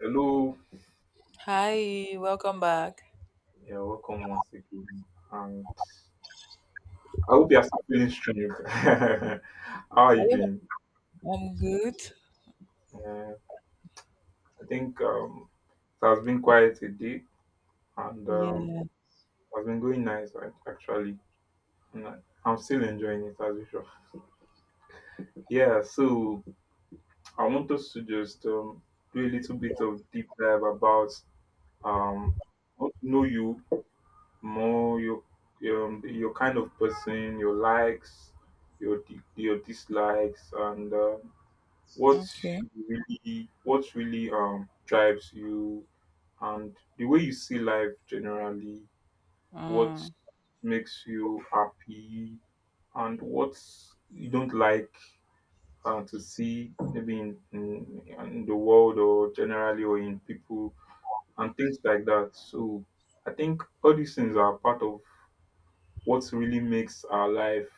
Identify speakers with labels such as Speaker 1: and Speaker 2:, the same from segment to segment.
Speaker 1: Hello,
Speaker 2: Hi, welcome back.
Speaker 1: you're welcome once again, and I hope you are still feeling strong. How are you
Speaker 2: Are you
Speaker 1: doing?
Speaker 2: I'm good.
Speaker 1: Uh, I think it has been quite a day, and
Speaker 2: Yeah.
Speaker 1: it has been going nice right, actually. And I- I'm still enjoying it as usual. Yeah, so I want us to just do a little bit of deep dive about um, I want to know you more your kind of person, your likes, your dislikes, and what
Speaker 2: Okay.
Speaker 1: what really drives you and the way you see life generally. What
Speaker 2: Uh,
Speaker 1: makes you happy and what you don't like to see maybe in the world or generally or in people and things like that. So I think all these things are part of what really makes our life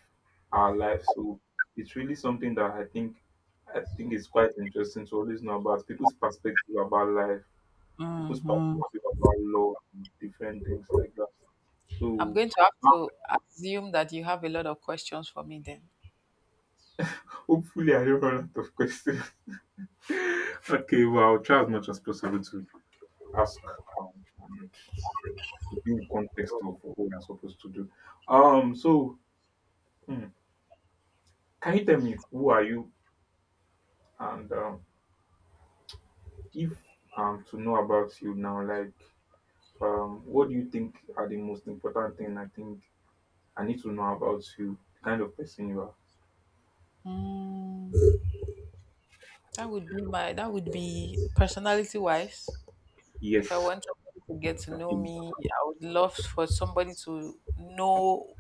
Speaker 1: our life so it's really something that I think is quite interesting to always know about people's perspective about life, people's
Speaker 2: uh-huh.
Speaker 1: perspective about law, and different things like that.
Speaker 2: I'm
Speaker 1: So
Speaker 2: going to have to assume that you have a lot of questions for me then.
Speaker 1: hopefully I don't run out of questions. Okay, well, I'll try as much as possible to ask, um, and be in context of what we are supposed to do. um so hmm, can you tell me who are you, and if, to know about you now, like, what do you think are the most important thing I need to know about you, the kind of person you are?
Speaker 2: Mm, that would be personality wise. If I
Speaker 1: Yes,
Speaker 2: want somebody to get to know
Speaker 1: please.
Speaker 2: me, I would love for somebody to know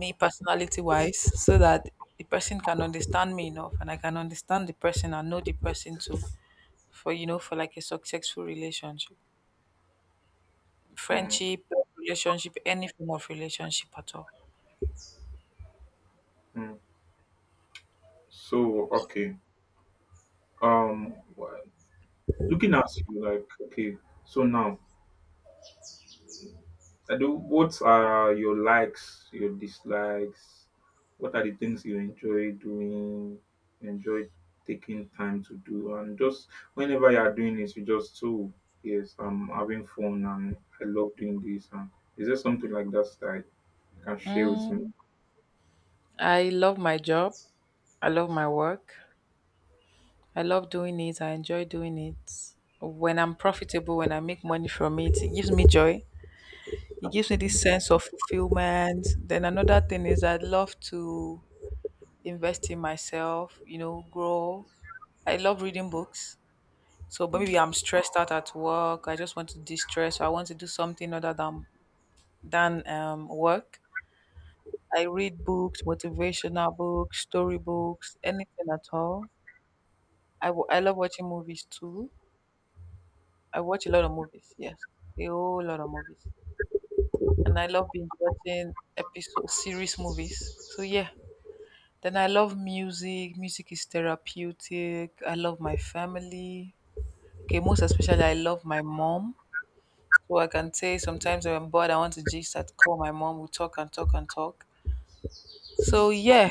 Speaker 2: me personality wise so that the person can understand me enough and I can understand the person and know the person too for for like a successful relationship.
Speaker 1: Mm,
Speaker 2: Friendship, relationship, any form of relationship at all?
Speaker 1: mm. So okay. Um wh- Looking at you, like, okay, so now I do. What are your likes, your dislikes? What are the things you enjoy doing, enjoy taking time to do? And just whenever you are doing this, you just, so yes, I'm having fun and I love doing this. And is there something like that that you can share with me?
Speaker 2: Mm, I love my job. I love my work. I love doing it. I enjoy doing it. When I'm profitable, when I make money from it, it gives me joy. It gives me this sense of fulfillment. Then another thing is I love to invest in myself, you know, grow. I love reading books. So but
Speaker 1: Mm.
Speaker 2: maybe I'm stressed out at work. I just want to de-stress. So I want to do something other than than work. I read books, motivational books, storybooks, anything at all. I love watching movies too. I watch a lot of movies, yes, a whole lot of movies, and I love binge watching episode series movies. So yeah, then I love music. Music is therapeutic. I love my family. Okay, most especially I love my mom. So I can say sometimes when I'm bored, I want to just at call my mom. We talk and talk and talk. So yeah,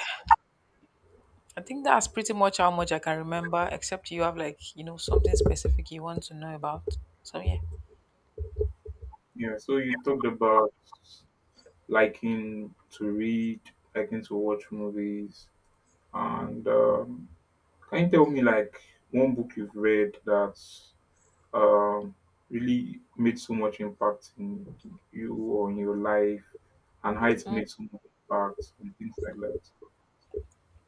Speaker 2: I think that's pretty much how much I can remember, except you have, like, you know, something specific you want to know about. So yeah.
Speaker 1: Yeah, so you talked about liking to read, liking to watch movies, and can you tell me like one book you've read that's um, really made so much impact in you or in your life and how it
Speaker 2: Mm,
Speaker 1: made so much impact and things like that.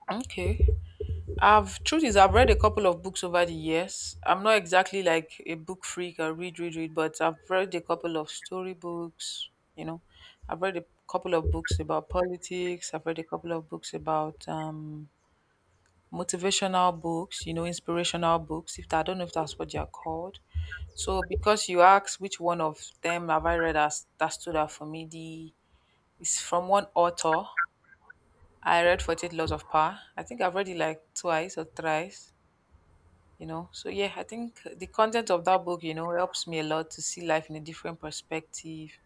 Speaker 2: okay. I've Truth is I've read a couple of books over the years. I'm not exactly like a book freak I read, read, read, but I've read a couple of story books, you know. I've read a couple of books about politics, I've read a couple of books about motivational books, you know, inspirational books. If I don't know if that's what they are called. So because you asked which one of them have I read as that stood out for me, the it's from one author. I read 48 Laws of Power. I think I've read it like twice or thrice. You know, so yeah, I think the content of that book, you know, helps me a lot to see life in a different perspective,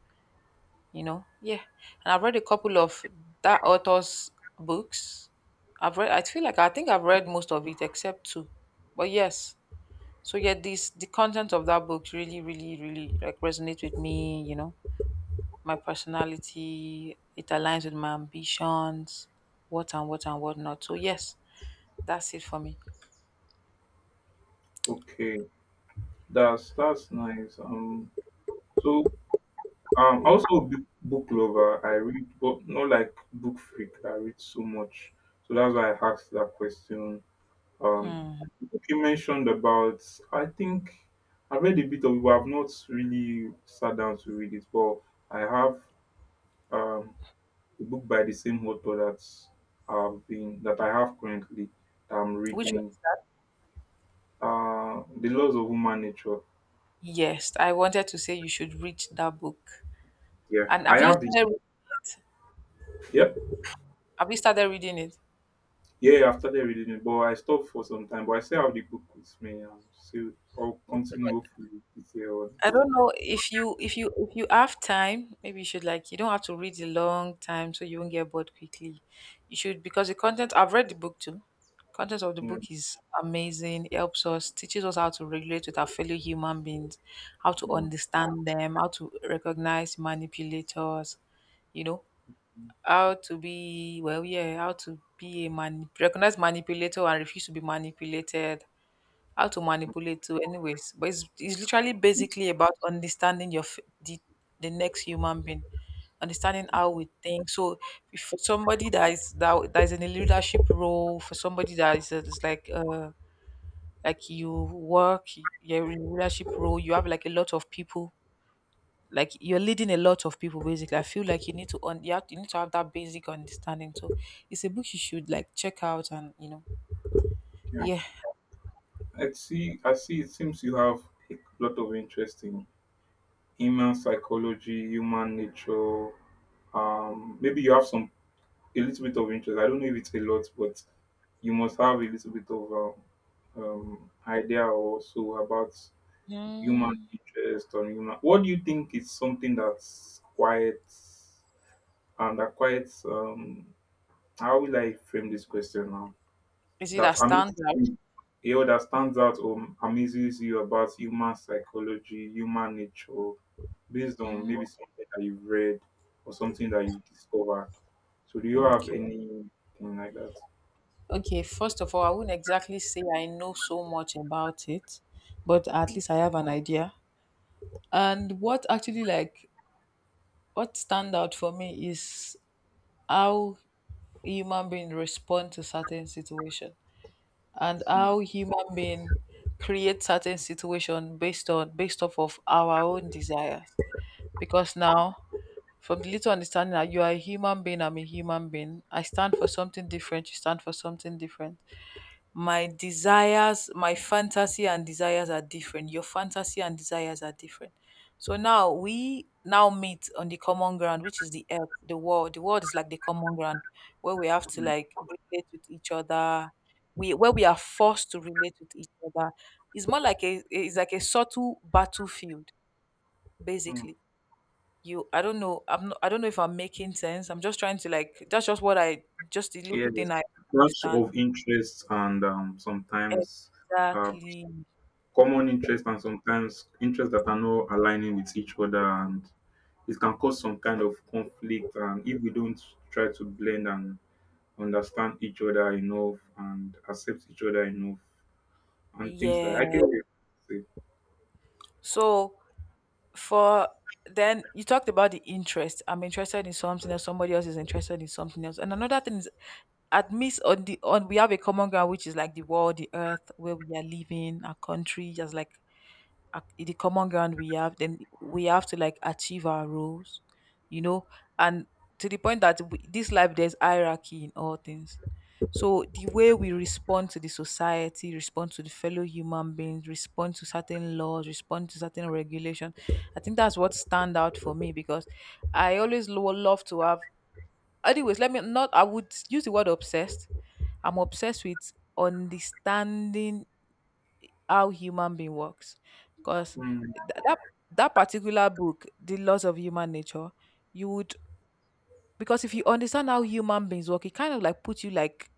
Speaker 2: you know. Yeah, and I've read a couple of that author's books. I've read, I feel like, I think I've read most of it except two. But yes, so yeah, this the content of that book really, really, really like resonate with me, you know, my personality, it aligns with my ambitions, what and what and what not. So yes, that's it for me.
Speaker 1: Okay, that's nice. So Also a big book lover. I read, but not like book freak. I read so much, so that's why I asked that question. Um,
Speaker 2: Hmm.
Speaker 1: you mentioned about. I think I read a bit of it, but I've not really sat down to read it. But I have um a book by the same author that I have currently that I'm
Speaker 2: Which one?
Speaker 1: reading. The Laws of Human Nature.
Speaker 2: Yes, I wanted to say you should read that book.
Speaker 1: Yeah,
Speaker 2: And
Speaker 1: I
Speaker 2: have you
Speaker 1: have the.
Speaker 2: started
Speaker 1: Yep.
Speaker 2: reading it?
Speaker 1: Yeah, yeah, I've started reading it, but I stopped for some time. But I still have the book with me, and still I'll continue hopefully this year or
Speaker 2: I
Speaker 1: next
Speaker 2: don't
Speaker 1: year.
Speaker 2: know if you if you have time, maybe you should, like, you don't have to read a long time so you won't get bored quickly. You should, because the content, I've read the book too. Content of the
Speaker 1: Yeah,
Speaker 2: book is amazing. It helps us, teaches us how to regulate with our fellow human beings, how to
Speaker 1: yeah,
Speaker 2: understand them, how to recognize manipulators, you know, how to be well, yeah, how to be a man, recognize manipulator and refuse to be manipulated, how to manipulate too anyways. But it's literally basically about understanding the, the next human being, understanding how we think. So if for somebody that that is in a leadership role, for somebody that is like you work, you're in a leadership role, you have like a lot of people, like you're leading a lot of people basically, I feel like you need to have, you need to have that basic understanding. So it's a book you should like check out, and you know.
Speaker 1: yeah.
Speaker 2: Yeah.
Speaker 1: I see. I see. It seems you have a lot of interest in human psychology, human nature. Maybe you have some a little bit of interest. I don't know if it's a lot, but you must have a little bit of idea also about human
Speaker 2: Hmm.
Speaker 1: interest or human. What do you think is something that's quiet and that quiet? How will I frame this question now?
Speaker 2: is it a
Speaker 1: That
Speaker 2: standard
Speaker 1: amazes you, or that stands out or amazes you about human psychology, human nature, based on maybe something that you've read or something that you've discovered. So, do you have
Speaker 2: okay.
Speaker 1: anything like that?
Speaker 2: Okay, first of all, I wouldn't exactly say I know so much about it, but at
Speaker 1: Mm,
Speaker 2: least I have an idea. And what actually, like, what stand out for me is how human being respond to certain situation, and how human being create certain situation based on based off of our own desires. Because now, from the little understanding that you are a human being, I'm a human being. I stand for something different, you stand for something different. My desires, my fantasy and desires are different. Your fantasy and desires are different. So now we now meet on the common ground, which is the earth, the world. The world is like the common ground where we have to
Speaker 1: mm,
Speaker 2: like relate with each other. We Where we are forced to relate with each other. It's more like a it's like a subtle battlefield,
Speaker 1: mm.
Speaker 2: basically. You I don't know, I don't know if I'm making sense. I'm just trying to like that's just what I just the little
Speaker 1: Yes,
Speaker 2: thing I
Speaker 1: clash
Speaker 2: understand.
Speaker 1: of interests and sometimes uh,
Speaker 2: Exactly.
Speaker 1: common interests and sometimes interests that are not aligning with each other and it can cause some kind of conflict and if we don't try to blend and understand each other enough and accept each other enough and things like I get
Speaker 2: Yeah.
Speaker 1: what you say.
Speaker 2: So for then you talked about the interest. I'm interested in something else. Somebody else is interested in something else. And another thing is admits on the on we have a common ground, which is like the world, the earth where we are living, our country, just like the common ground we have. Then we have to like achieve our roles, you know. And to the point that we, this life, there's hierarchy in all things. So the way we respond to the society, respond to the fellow human beings, respond to certain laws, respond to certain regulation, I think that's what stand out for me. Because I always love to have, anyways, let me not, I would use the word obsessed. I'm obsessed with understanding how human being works. Because
Speaker 1: Mm,
Speaker 2: that that particular book, the Laws of Human Nature, you would, because if you understand how human beings work, it kind of like puts you like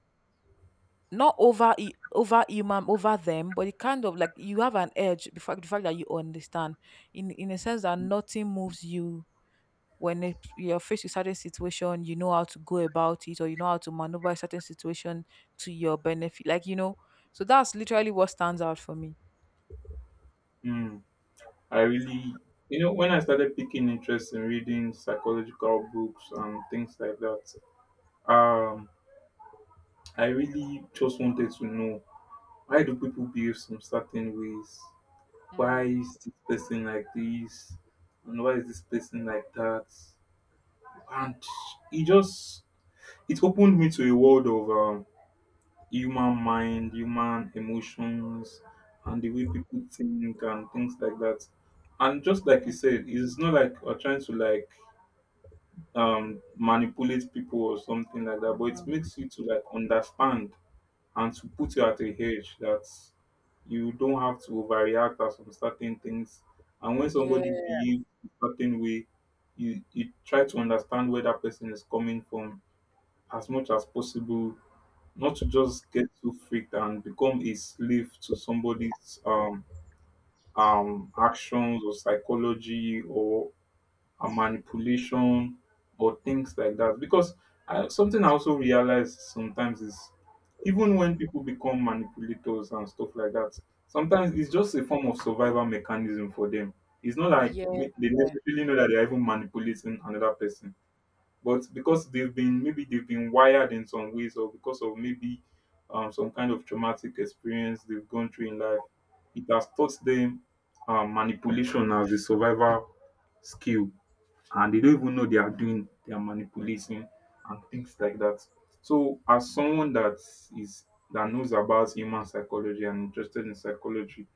Speaker 2: not over human, over them, but it kind of like you have an edge. The fact that you understand, in a sense that nothing moves you. When you're faced with certain situation, you know how to go about it, or you know how to maneuver a certain situation to your benefit, like, you know. So that's literally what stands out for me.
Speaker 1: mm. I really, you know, when I started picking interest in reading psychological books and things like that. Um I really just wanted to know, why do people behave some certain ways? Why is this person like this? And why is this person like that? And it just, it opened me to a world of human mind, human emotions, and the way people think and things like that. And just like you said, it's not like we're trying to like manipulate people or something like that, but it makes you to like understand and to put you at a hedge that you don't have to overreact at some certain things. And when somebody
Speaker 2: Yeah.
Speaker 1: behaves a certain way, you try to understand where that person is coming from as much as possible, not to just get so freaked and become a slave to somebody's actions or psychology or and manipulation or things like that. Because I, something I also realize sometimes is, even when people become manipulators and stuff like that, sometimes it's just a form of survival mechanism for them. It's not like
Speaker 2: Yeah,
Speaker 1: they necessarily know that they're even manipulating another person, but because they've been, maybe they've been wired in some ways, or because of maybe some kind of traumatic experience they've gone through in life, it has taught them, manipulation as a survival skill, and they don't even know they are doing, they are manipulating and things like that. So, as someone that is that knows about human psychology and interested in psychology,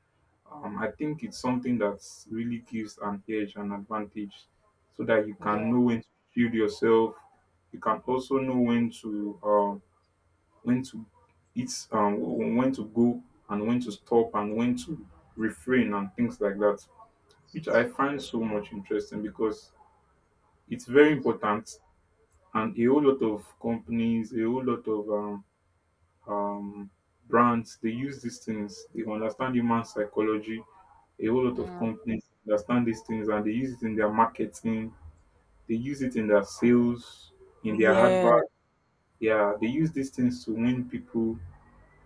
Speaker 1: I think it's something that really gives an edge, an advantage, so that you
Speaker 2: yeah.
Speaker 1: can know when to shield yourself. You can also know when to it's when to go and when to stop and when to refrain and things like that, which I find so much interesting because it's very important and a whole lot of companies, a whole lot of um, brands, they use these things. They understand human psychology. A whole lot of
Speaker 2: Mm,
Speaker 1: companies understand these things and they use it in their marketing. They use it in their sales, in their
Speaker 2: yeah.
Speaker 1: advert. Yeah, they use these things to win people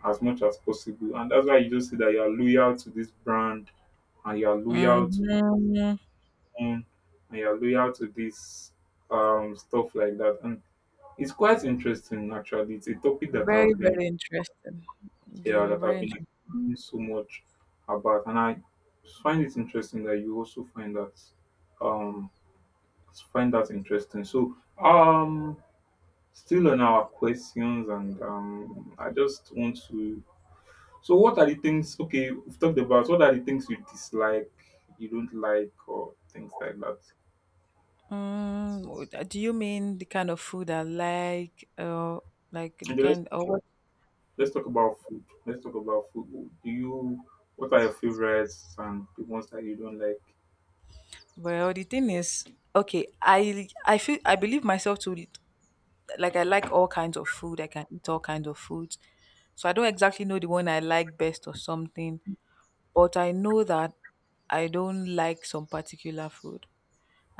Speaker 1: as much as possible. And that's why you just see that you are loyal to this brand and you are loyal to
Speaker 2: Hmm.
Speaker 1: own and you are loyal to this, stuff like that. And it's quite interesting actually. It's a topic that
Speaker 2: Very,
Speaker 1: I've been,
Speaker 2: very interesting. They
Speaker 1: yeah,
Speaker 2: were
Speaker 1: that I've
Speaker 2: very
Speaker 1: been
Speaker 2: interesting.
Speaker 1: exploring so much about and I find it interesting that you also find that, um interesting. So still on our questions and I just want to, so what are the things, okay, we've talked about, what are the things you dislike, you don't like or things like that.
Speaker 2: Mm, do you mean the kind of food I like, or like the
Speaker 1: Okay, let's-
Speaker 2: kind, or what?
Speaker 1: Let's talk about food. Let's talk about food. Do you, what are your favorites and the ones that you don't like?
Speaker 2: Well, the thing is, okay, I feel I believe myself to like I like all kinds of food. I can eat all kinds of foods, so I don't exactly know the one I like best or something. But I know that I don't like some particular food.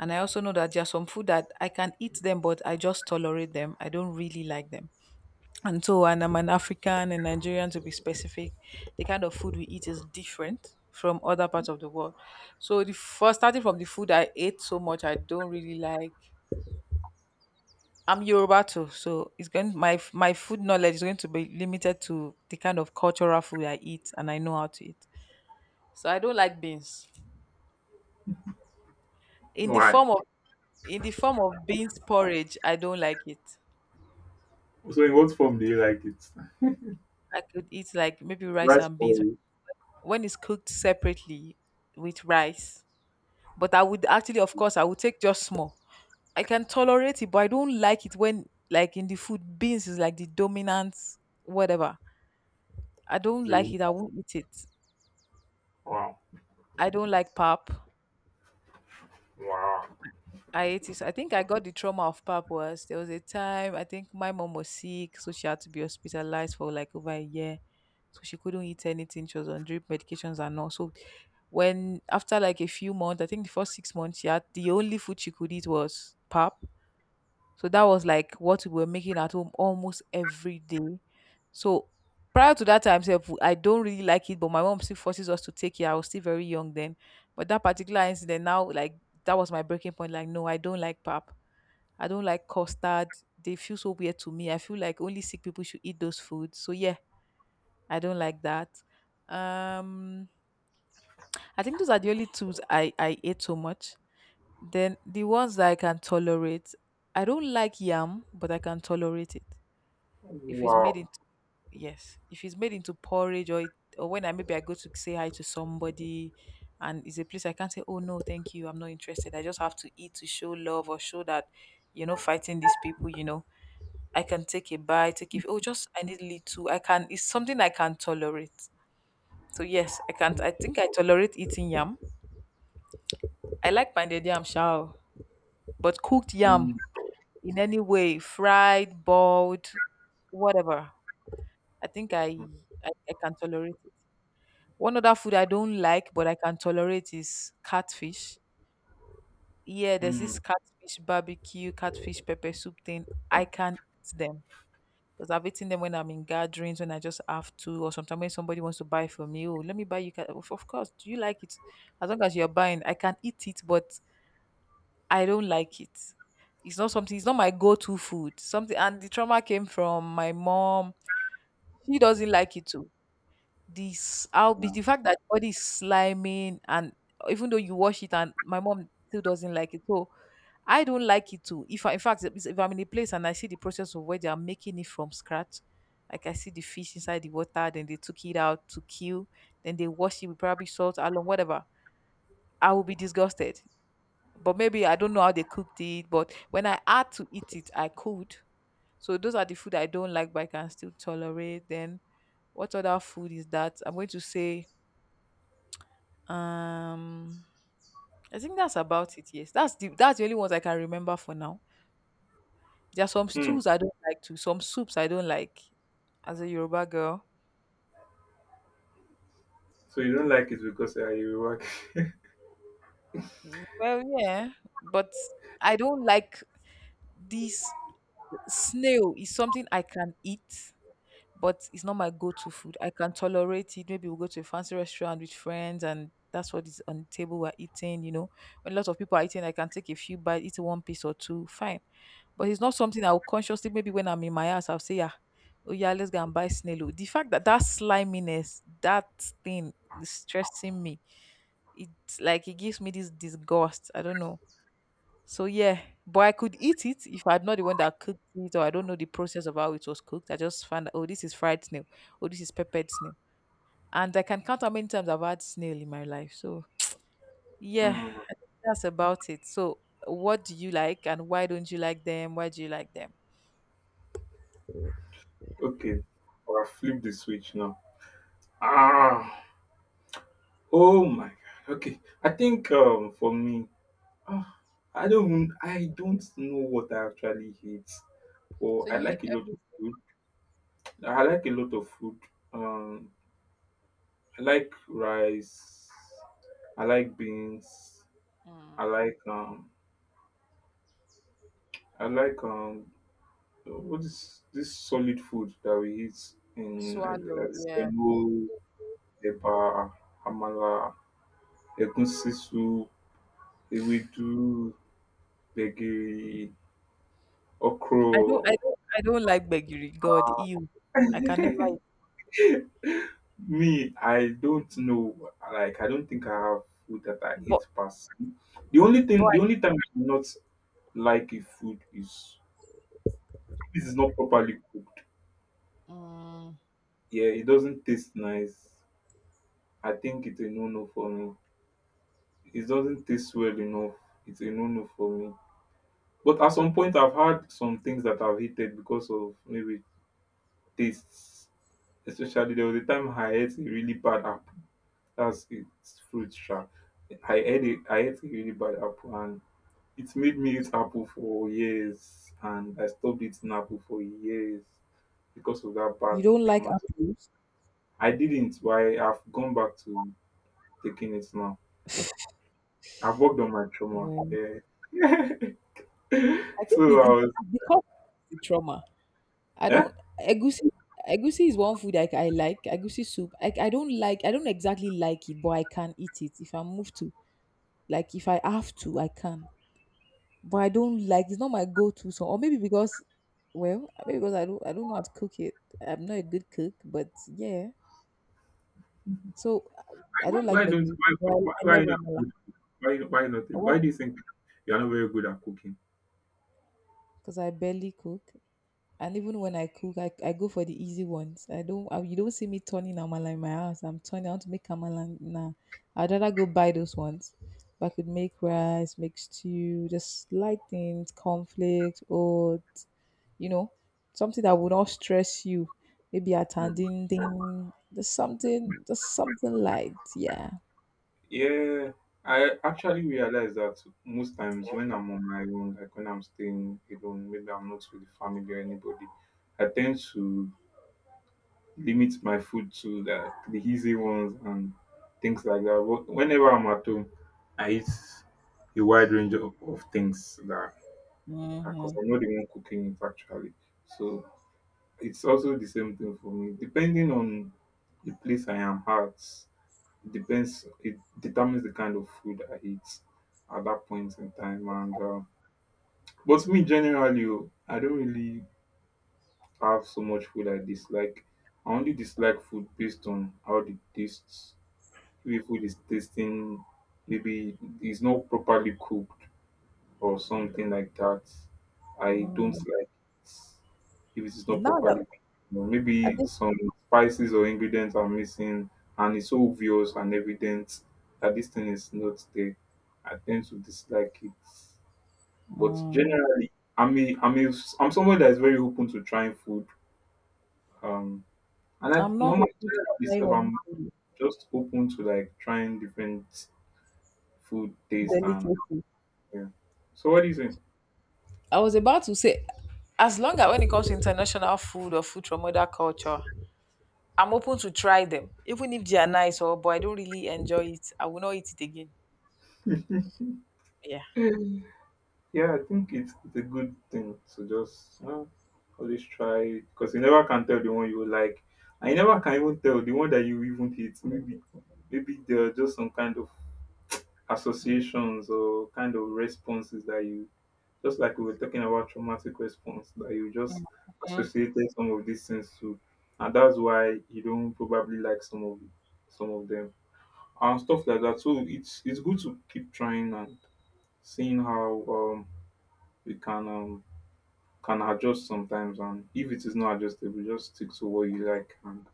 Speaker 2: And I also know that there are some food that I can eat them, but I just tolerate them. I don't really like them. And so, and I'm an African and Nigerian to be specific, the kind of food we eat is different from other parts of the world. So, the first starting from the food I ate so much, I don't really like. I'm Yoruba too, so it's going my food knowledge is going to be limited to the kind of cultural food I eat and I know how to eat. So I don't like beans in the
Speaker 1: Why?
Speaker 2: form of in the form of beans porridge. I don't like it.
Speaker 1: So in what form do you like it?
Speaker 2: I could eat like maybe rice
Speaker 1: Rice
Speaker 2: and beans
Speaker 1: or
Speaker 2: when it's cooked separately with rice. But I would actually, of course, I would take just small. I can tolerate it, but I don't like it when, like, in the food, beans is like the dominant whatever. I don't
Speaker 1: zing?
Speaker 2: like it. I won't eat it.
Speaker 1: Wow.
Speaker 2: I don't like pap.
Speaker 1: Wow.
Speaker 2: I ate it. So I think I got the trauma of purpose. There was a time I think my mom was sick, so she had to be hospitalized for like over a year. So she couldn't eat anything. She was on drip medications and all. So when after like a few months, I think the first 6 months, she had the only food she could eat was pap. So that was like what we were making at home almost every day. So prior to that time, sef, I don't really like it, but my mom still forces us to take it. I was still very young then. But that particular incident now, like that was my breaking point. Like, no, I don't like pap. I don't like custard. They feel so weird to me. I feel like only sick people should eat those foods. So yeah, I don't like that. Um I think those are the only tools I ate so much. Then the ones that I can tolerate. I don't like yam, but I can tolerate it. If it's made
Speaker 1: Wow.
Speaker 2: into, yes, if it's made into porridge, or when I, maybe I go to say hi to somebody, and it's a place I can't say, oh no thank you, I'm not interested, I just have to eat to show love or show that, fighting these people. I can take a bite, take, if oh just I need little, I can, it's something I can tolerate. So yes, I can't, I think I tolerate eating yam. I like pounded yam shao, but cooked yam
Speaker 1: Mm.
Speaker 2: in any way, fried, boiled, whatever, I think I, I can tolerate it. One other food I don't like but I can tolerate is catfish. Yeah, there's
Speaker 1: Mm.
Speaker 2: this catfish barbecue, catfish pepper soup thing. I can't eat them because I've eaten them when I'm in gatherings, when I just have to, or sometimes when somebody wants to buy for me. Oh, let me buy you. Of course, do you like it? As long as you're buying, I can eat it, but I don't like it. It's not something. It's not my go-to food. Something, and the trauma came from my mom. She doesn't like it too. This how be the fact that all this sliming and even though you wash it and my mom still doesn't like it. So I don't like it too. If I, in fact, if I'm in a place and I see the process of where they are making it from scratch, like I see the fish inside the water, then they took it out to kill, then they wash it with probably salt, along whatever. I will be disgusted. But maybe I don't know how they cooked it. But when I had to eat it, I could. So those are the food I don't like, but I can still tolerate. Then what other food is that? I'm going to say, Um, I think that's about it. Yes, that's the only ones I can remember for now. There are some
Speaker 1: Mm.
Speaker 2: stews I don't like too. Some soups I don't like. As a Yoruba girl,
Speaker 1: So you don't like it because you work.
Speaker 2: well, yeah, but I don't like this snail. Is something I can eat, but it's not my go-to food. I can tolerate it. Maybe we'll go to a fancy restaurant with friends and that's what is on the table we're eating, you know. When a lot of people are eating, I can take a few bites, eat one piece or two, fine. But it's not something I'll consciously, maybe when I'm in my house, I'll say, yeah, oh yeah, let's go and buy snail. Oh." The fact that that sliminess, that thing is stressing me. It's like it gives me this disgust. I don't know so yeah, but I could eat it if I'm not the one that cooked it, or I don't know the process of how it was cooked. I just find that oh, this is fried snail, oh, this is peppered snail, and I can count how many times I've had snail in my life. So yeah,
Speaker 1: Mm.
Speaker 2: that's about it. So what do you like, and why don't you like them? Why do you like them?
Speaker 1: Okay. I'll flip the switch now. Ah. Oh my god. Okay. I think for me, ah, I don't know what I actually hate. Well,
Speaker 2: So
Speaker 1: I
Speaker 2: you eat
Speaker 1: like a lot
Speaker 2: every,
Speaker 1: of food. I like a lot of food. Um, I like rice. I like beans. I
Speaker 2: mm,
Speaker 1: like um. I like What is this solid food that we eat in
Speaker 2: swallow,
Speaker 1: like
Speaker 2: yeah.
Speaker 1: semo, eba, amala, egusi soup, ewedu, gbegiri,
Speaker 2: I don't,
Speaker 1: okro.
Speaker 2: I don't, I don't like begiri. God, ew, I can never eat.
Speaker 1: Me, I don't know. Like, I don't think I have food that I
Speaker 2: But
Speaker 1: eat past. The only
Speaker 2: but
Speaker 1: thing, the
Speaker 2: I-
Speaker 1: only time I do not like a food is this is not properly cooked.
Speaker 2: Mm.
Speaker 1: Yeah, it doesn't taste nice. I think it's a no-no for me. It doesn't taste well enough. It's a no-no for me. But at some point, I've had some things that I've hated because of maybe tastes. Especially there was a time I ate a really bad apple. That's its fruit, sha. I ate it. I ate a really bad apple, and it made me eat Apple for years, and I stopped eating Apple for years because of that
Speaker 2: You
Speaker 1: bad
Speaker 2: don't like
Speaker 1: trauma.
Speaker 2: apples?
Speaker 1: I didn't, but I've gone back to taking it now. I've worked on my trauma.
Speaker 2: Well,
Speaker 1: Yeah.
Speaker 2: I
Speaker 1: So
Speaker 2: think it,
Speaker 1: I
Speaker 2: it,
Speaker 1: was,
Speaker 2: it because it's a trauma. I
Speaker 1: yeah.
Speaker 2: don't egusi. Egusi is one food I like. Egusi soup. I don't like. I don't exactly like it, but I can eat it if I move to. Like if I have to, I can. But I don't like. It's not my go-to. So or maybe because, well, maybe because I don't. I don't know how to cook it. I'm not a good cook, but yeah. So I don't like
Speaker 1: Why don't
Speaker 2: begiri soup, but I love
Speaker 1: why not
Speaker 2: amala.
Speaker 1: why why not
Speaker 2: What?
Speaker 1: Why do you think you're not very good at cooking?
Speaker 2: Because I barely cook. And even when I cook, I go for the easy ones. I don't, I, you don't see me turning amala in my house. I'm turning out to make amala now. I'd rather go buy those ones. But I could make rice, make stew, just light things, conflict, or you know, something that would not stress you. Maybe a tanding thing, just something light. Yeah.
Speaker 1: Yeah, I actually realize that most times when I'm on my own, like when I'm staying alone, maybe I'm not with family or anybody, I tend to limit my food to the easy ones and things like that. But whenever I'm at home, I eat a wide range of things that because
Speaker 2: Mm-hmm.
Speaker 1: I'm not the one cooking it actually. So it's also the same thing for me, depending on the place I am at, it depends, it determines the kind of food I eat at that point in time and but me generally oh, I don't really have so much food I dislike. I only dislike food based on how the tastes. If the food is tasting, maybe it's not properly cooked or something like that. I don't
Speaker 2: Mm.
Speaker 1: like it if it is not
Speaker 2: Now that
Speaker 1: properly cooked. You know,
Speaker 2: I
Speaker 1: maybe
Speaker 2: think,
Speaker 1: some spices or ingredients are missing, and it's so obvious and evident that this thing is not there. I tend to dislike it, but
Speaker 2: mm,
Speaker 1: generally, I mean, I'm someone that is very open to trying food. Um, and I
Speaker 2: I'm not able
Speaker 1: normally
Speaker 2: to
Speaker 1: generally
Speaker 2: try
Speaker 1: myself, I'm
Speaker 2: anything
Speaker 1: just open to like trying different food taste and
Speaker 2: delicate.
Speaker 1: yeah. So what do you
Speaker 2: I was about to say, as long as when it comes to international food or food from other culture, I'm open to try them, even if they are nice. Or, but I don't really enjoy it. I will not eat it again.
Speaker 1: think?
Speaker 2: Yeah.
Speaker 1: Yeah, I think it's a good thing to just always try, because you never can tell the one you like, I never can even tell the one that you even hate. Maybe maybe there are just some kind of associations or kind of responses that you, just like we were talking about traumatic response, that you just associated some of these things to, and that's why you don't probably like some of them and stuff like that. So it's good to keep trying and seeing how we can adjust sometimes, and if it is not adjustable, just stick to what you like and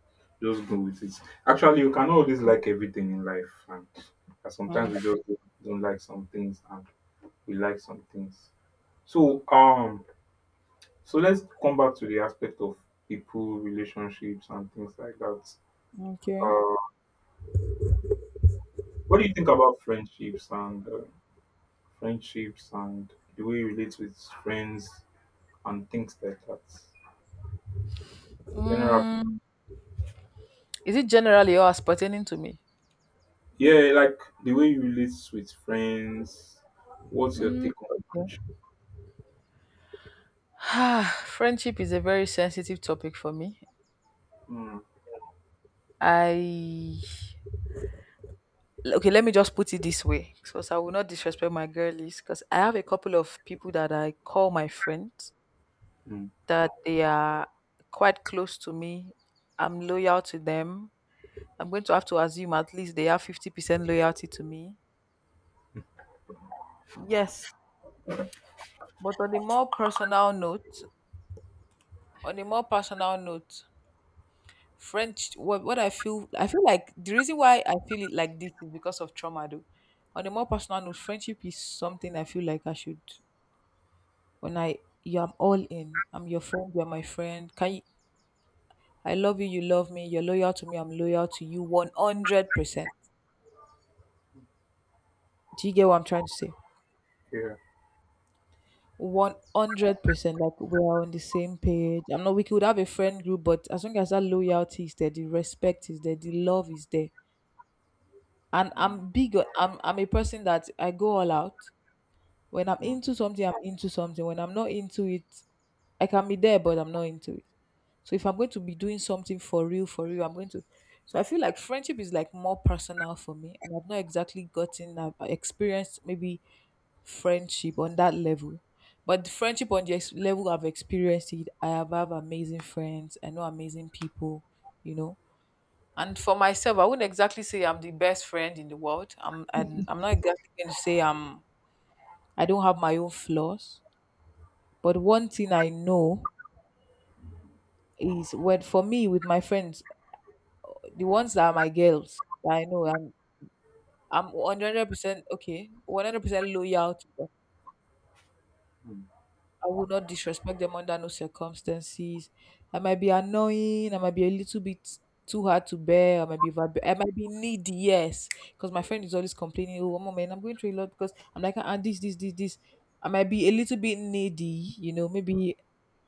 Speaker 1: just go with it. Actually, you cannot always like everything in life, and sometimes
Speaker 2: Mhm.
Speaker 1: we just don't like some things and we like some things, so so let's come back to the aspect of people, relationships and things like that.
Speaker 2: Okay.
Speaker 1: Uh, what do you think about friendships and friendships and the way you relate with friends and things like that, general?
Speaker 2: Mm, is it generally or as pertaining to me?
Speaker 1: Yeah, like the way you relate with friends. What's your
Speaker 2: Mm,
Speaker 1: take on?
Speaker 2: okay. Ah, friendship is a very sensitive topic for me.
Speaker 1: Mm,
Speaker 2: I Okay, let me just put it this way, because I will not disrespect my girlies. Because I have a couple of people that I call my friends,
Speaker 1: mm,
Speaker 2: that they are quite close to me. I'm loyal to them. I'm going to have to assume at least they have 50% loyalty to me. Yes, but on a more personal note, on a more personal note, French. I feel like the reason why I feel it like this is because of trauma. Though, on a more personal note, friendship is something I feel like I should. I'm all in. I'm your friend. You're my friend. Can you? I love you. You love me. You're loyal to me. I'm loyal to you. 100%. Do you get what I'm trying to say?
Speaker 1: yeah.
Speaker 2: 100% like we're on the same page. I'm not, we could have a friend group, but as long as that loyalty is there, the respect is there, the love is there. And
Speaker 1: Mm,
Speaker 2: I'm big, on- I'm, I'm a person that I go all out. When I'm
Speaker 1: mm,
Speaker 2: into something, I'm into something. When I'm not into it, I can be there, but I'm not into it. So if I'm going to be doing something for real, I'm going to. So I feel like friendship is like more personal for me, and I've not exactly gotten, I've experienced maybe friendship on that level. But the friendship on the level I've experienced it, I have amazing friends. I know amazing people, you know. And for myself, I wouldn't exactly say I'm the best friend in the world. I'm not exactly going to say I don't have my own flaws. But one thing I know is when for me with my friends, the ones that are my girls, that I know I'm 100% okay, 100% loyal to them.
Speaker 1: mm,
Speaker 2: I will not disrespect them under no circumstances. I might be annoying. I might be a little bit too hard to bear. I might be needy. Yes, because my friend is always complaining. Oh, mom, man, I'm going through a lot because I'm like, ah, this, this, this, this. I might be a little bit needy. You know, maybe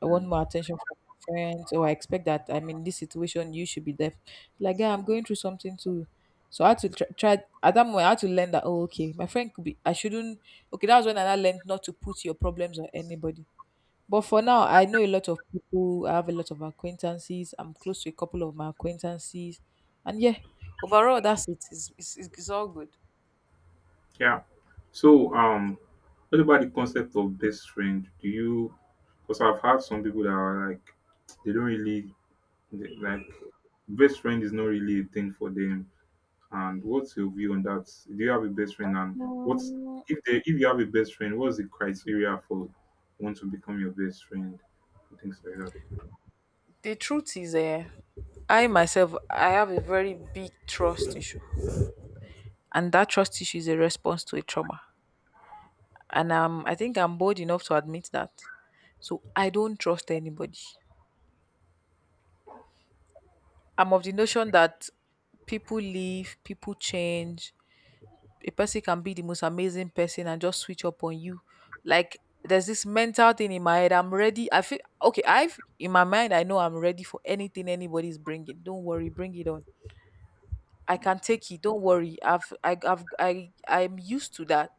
Speaker 2: I want more
Speaker 1: mm.
Speaker 2: attention from my friends, or I expect that I'm in this situation. You should be there. Like, yeah, I'm going through something too. So I had to try at that moment. I had to learn that. Oh, okay, my friend could be. I shouldn't. Okay, that was when I learned not to put your problems on anybody but for now, I know a lot of people. I have a lot of acquaintances. I'm close to a couple of my acquaintances, and yeah, overall, that's it. It's all good.
Speaker 1: Yeah. So, what about the concept of best friend? Do you? Because I've had some people that are like, they don't really they- like best friend is not really a thing for them. And what's your view on that? Do you have a best friend? And what's
Speaker 2: Mm,
Speaker 1: if they if you have a best friend, what's the criteria for want to become your best friend? Things like that.
Speaker 2: the truth is, I myself, I have a very big trust issue, and that trust issue is a response to a trauma. And I think I'm bold enough to admit that. So I don't trust anybody. I'm of the notion that people leave, people change, a person can be the most amazing person and just switch up on you. Like there's this mental thing in my head. I'm ready. I feel okay. I've in my mind. I know I'm ready for anything anybody's bringing. Don't worry, bring it on. I can take it. Don't worry. I'm used to that.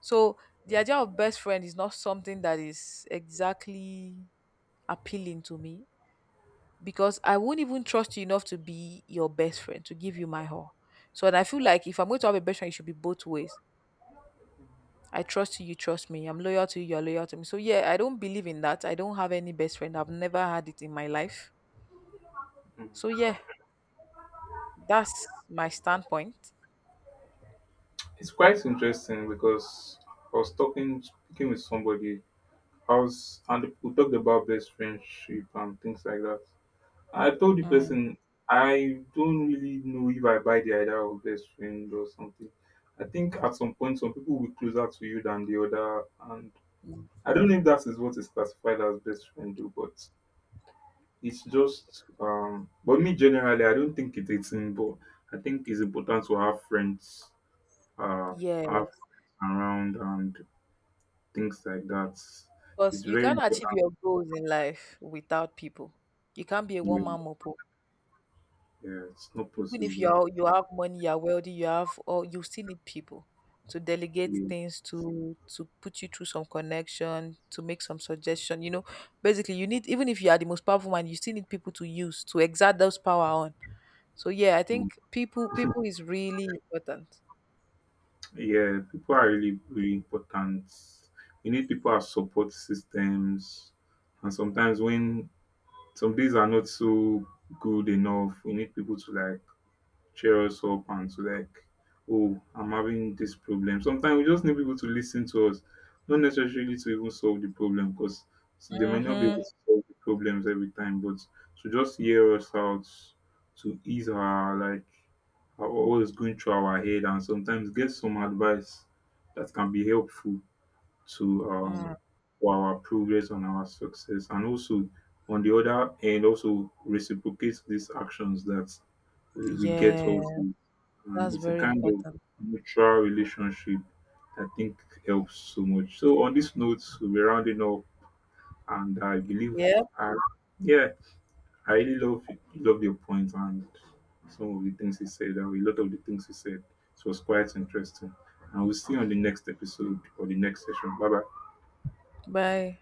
Speaker 2: So the idea of best friend is not something that is exactly appealing to me because I won't even trust you enough to be your best friend to give you my all. So and I feel like if I'm going to have a best friend, it should be both ways. I trust you, you trust me. I'm loyal to you, you're loyal to me. So yeah, I don't believe in that. I don't have any best friend. I've never had it in my life. So yeah, that's my standpoint.
Speaker 1: It's quite interesting because I was talking speaking with somebody else and we talked about best friendship and things like that. I told the
Speaker 2: Mm,
Speaker 1: person I don't really know if I buy the idea of best friend or something. I think at some point some people will be closer to you than the other, and I don't know if that is what is classified as best friend though, but it's just but me generally I don't think it's a thing, but I think it's important to have friends, uh, have
Speaker 2: yes.
Speaker 1: around and things like that.
Speaker 2: Because
Speaker 1: It's
Speaker 2: you
Speaker 1: very
Speaker 2: can't
Speaker 1: important.
Speaker 2: achieve your goals in life without people. You can't be a one man
Speaker 1: Yeah,
Speaker 2: mopo.
Speaker 1: yeah it's not
Speaker 2: Even if
Speaker 1: possible.
Speaker 2: you have money, you're wealthy, you have or you still need people to delegate
Speaker 1: Yeah.
Speaker 2: things to put you through some connection, to make some suggestion. You know, basically you need even if you are the most powerful man, you still need people to use to exert those power on. So yeah, I
Speaker 1: Mm.
Speaker 2: think people is really important.
Speaker 1: Yeah, people are really, really important. We need people as support systems. And sometimes when some days are not so good enough, we need people to like cheer us up and to like, oh, I'm having this problem. Sometimes we just need people to listen to us, not necessarily to even solve the problem, because they might not be able
Speaker 2: Mm-hmm.
Speaker 1: to solve the problems every time, but to just hear us out, to ease our like our always going through our head, and sometimes get some advice that can be helpful to
Speaker 2: Mm.
Speaker 1: for our progress and our success, and also on the other end also reciprocate these actions that we get also.
Speaker 2: Yeah,
Speaker 1: And
Speaker 2: that's
Speaker 1: it's a
Speaker 2: very
Speaker 1: kind of
Speaker 2: important.
Speaker 1: mutual relationship that I think helps so much. So on this note, we'll be rounding up, and I believe,
Speaker 2: Yep.
Speaker 1: I, yeah, I really love your points and some of the things you said, and a lot of the things you said. It was quite interesting, and we'll see you on the next episode or the next session. Bye bye.
Speaker 2: Bye.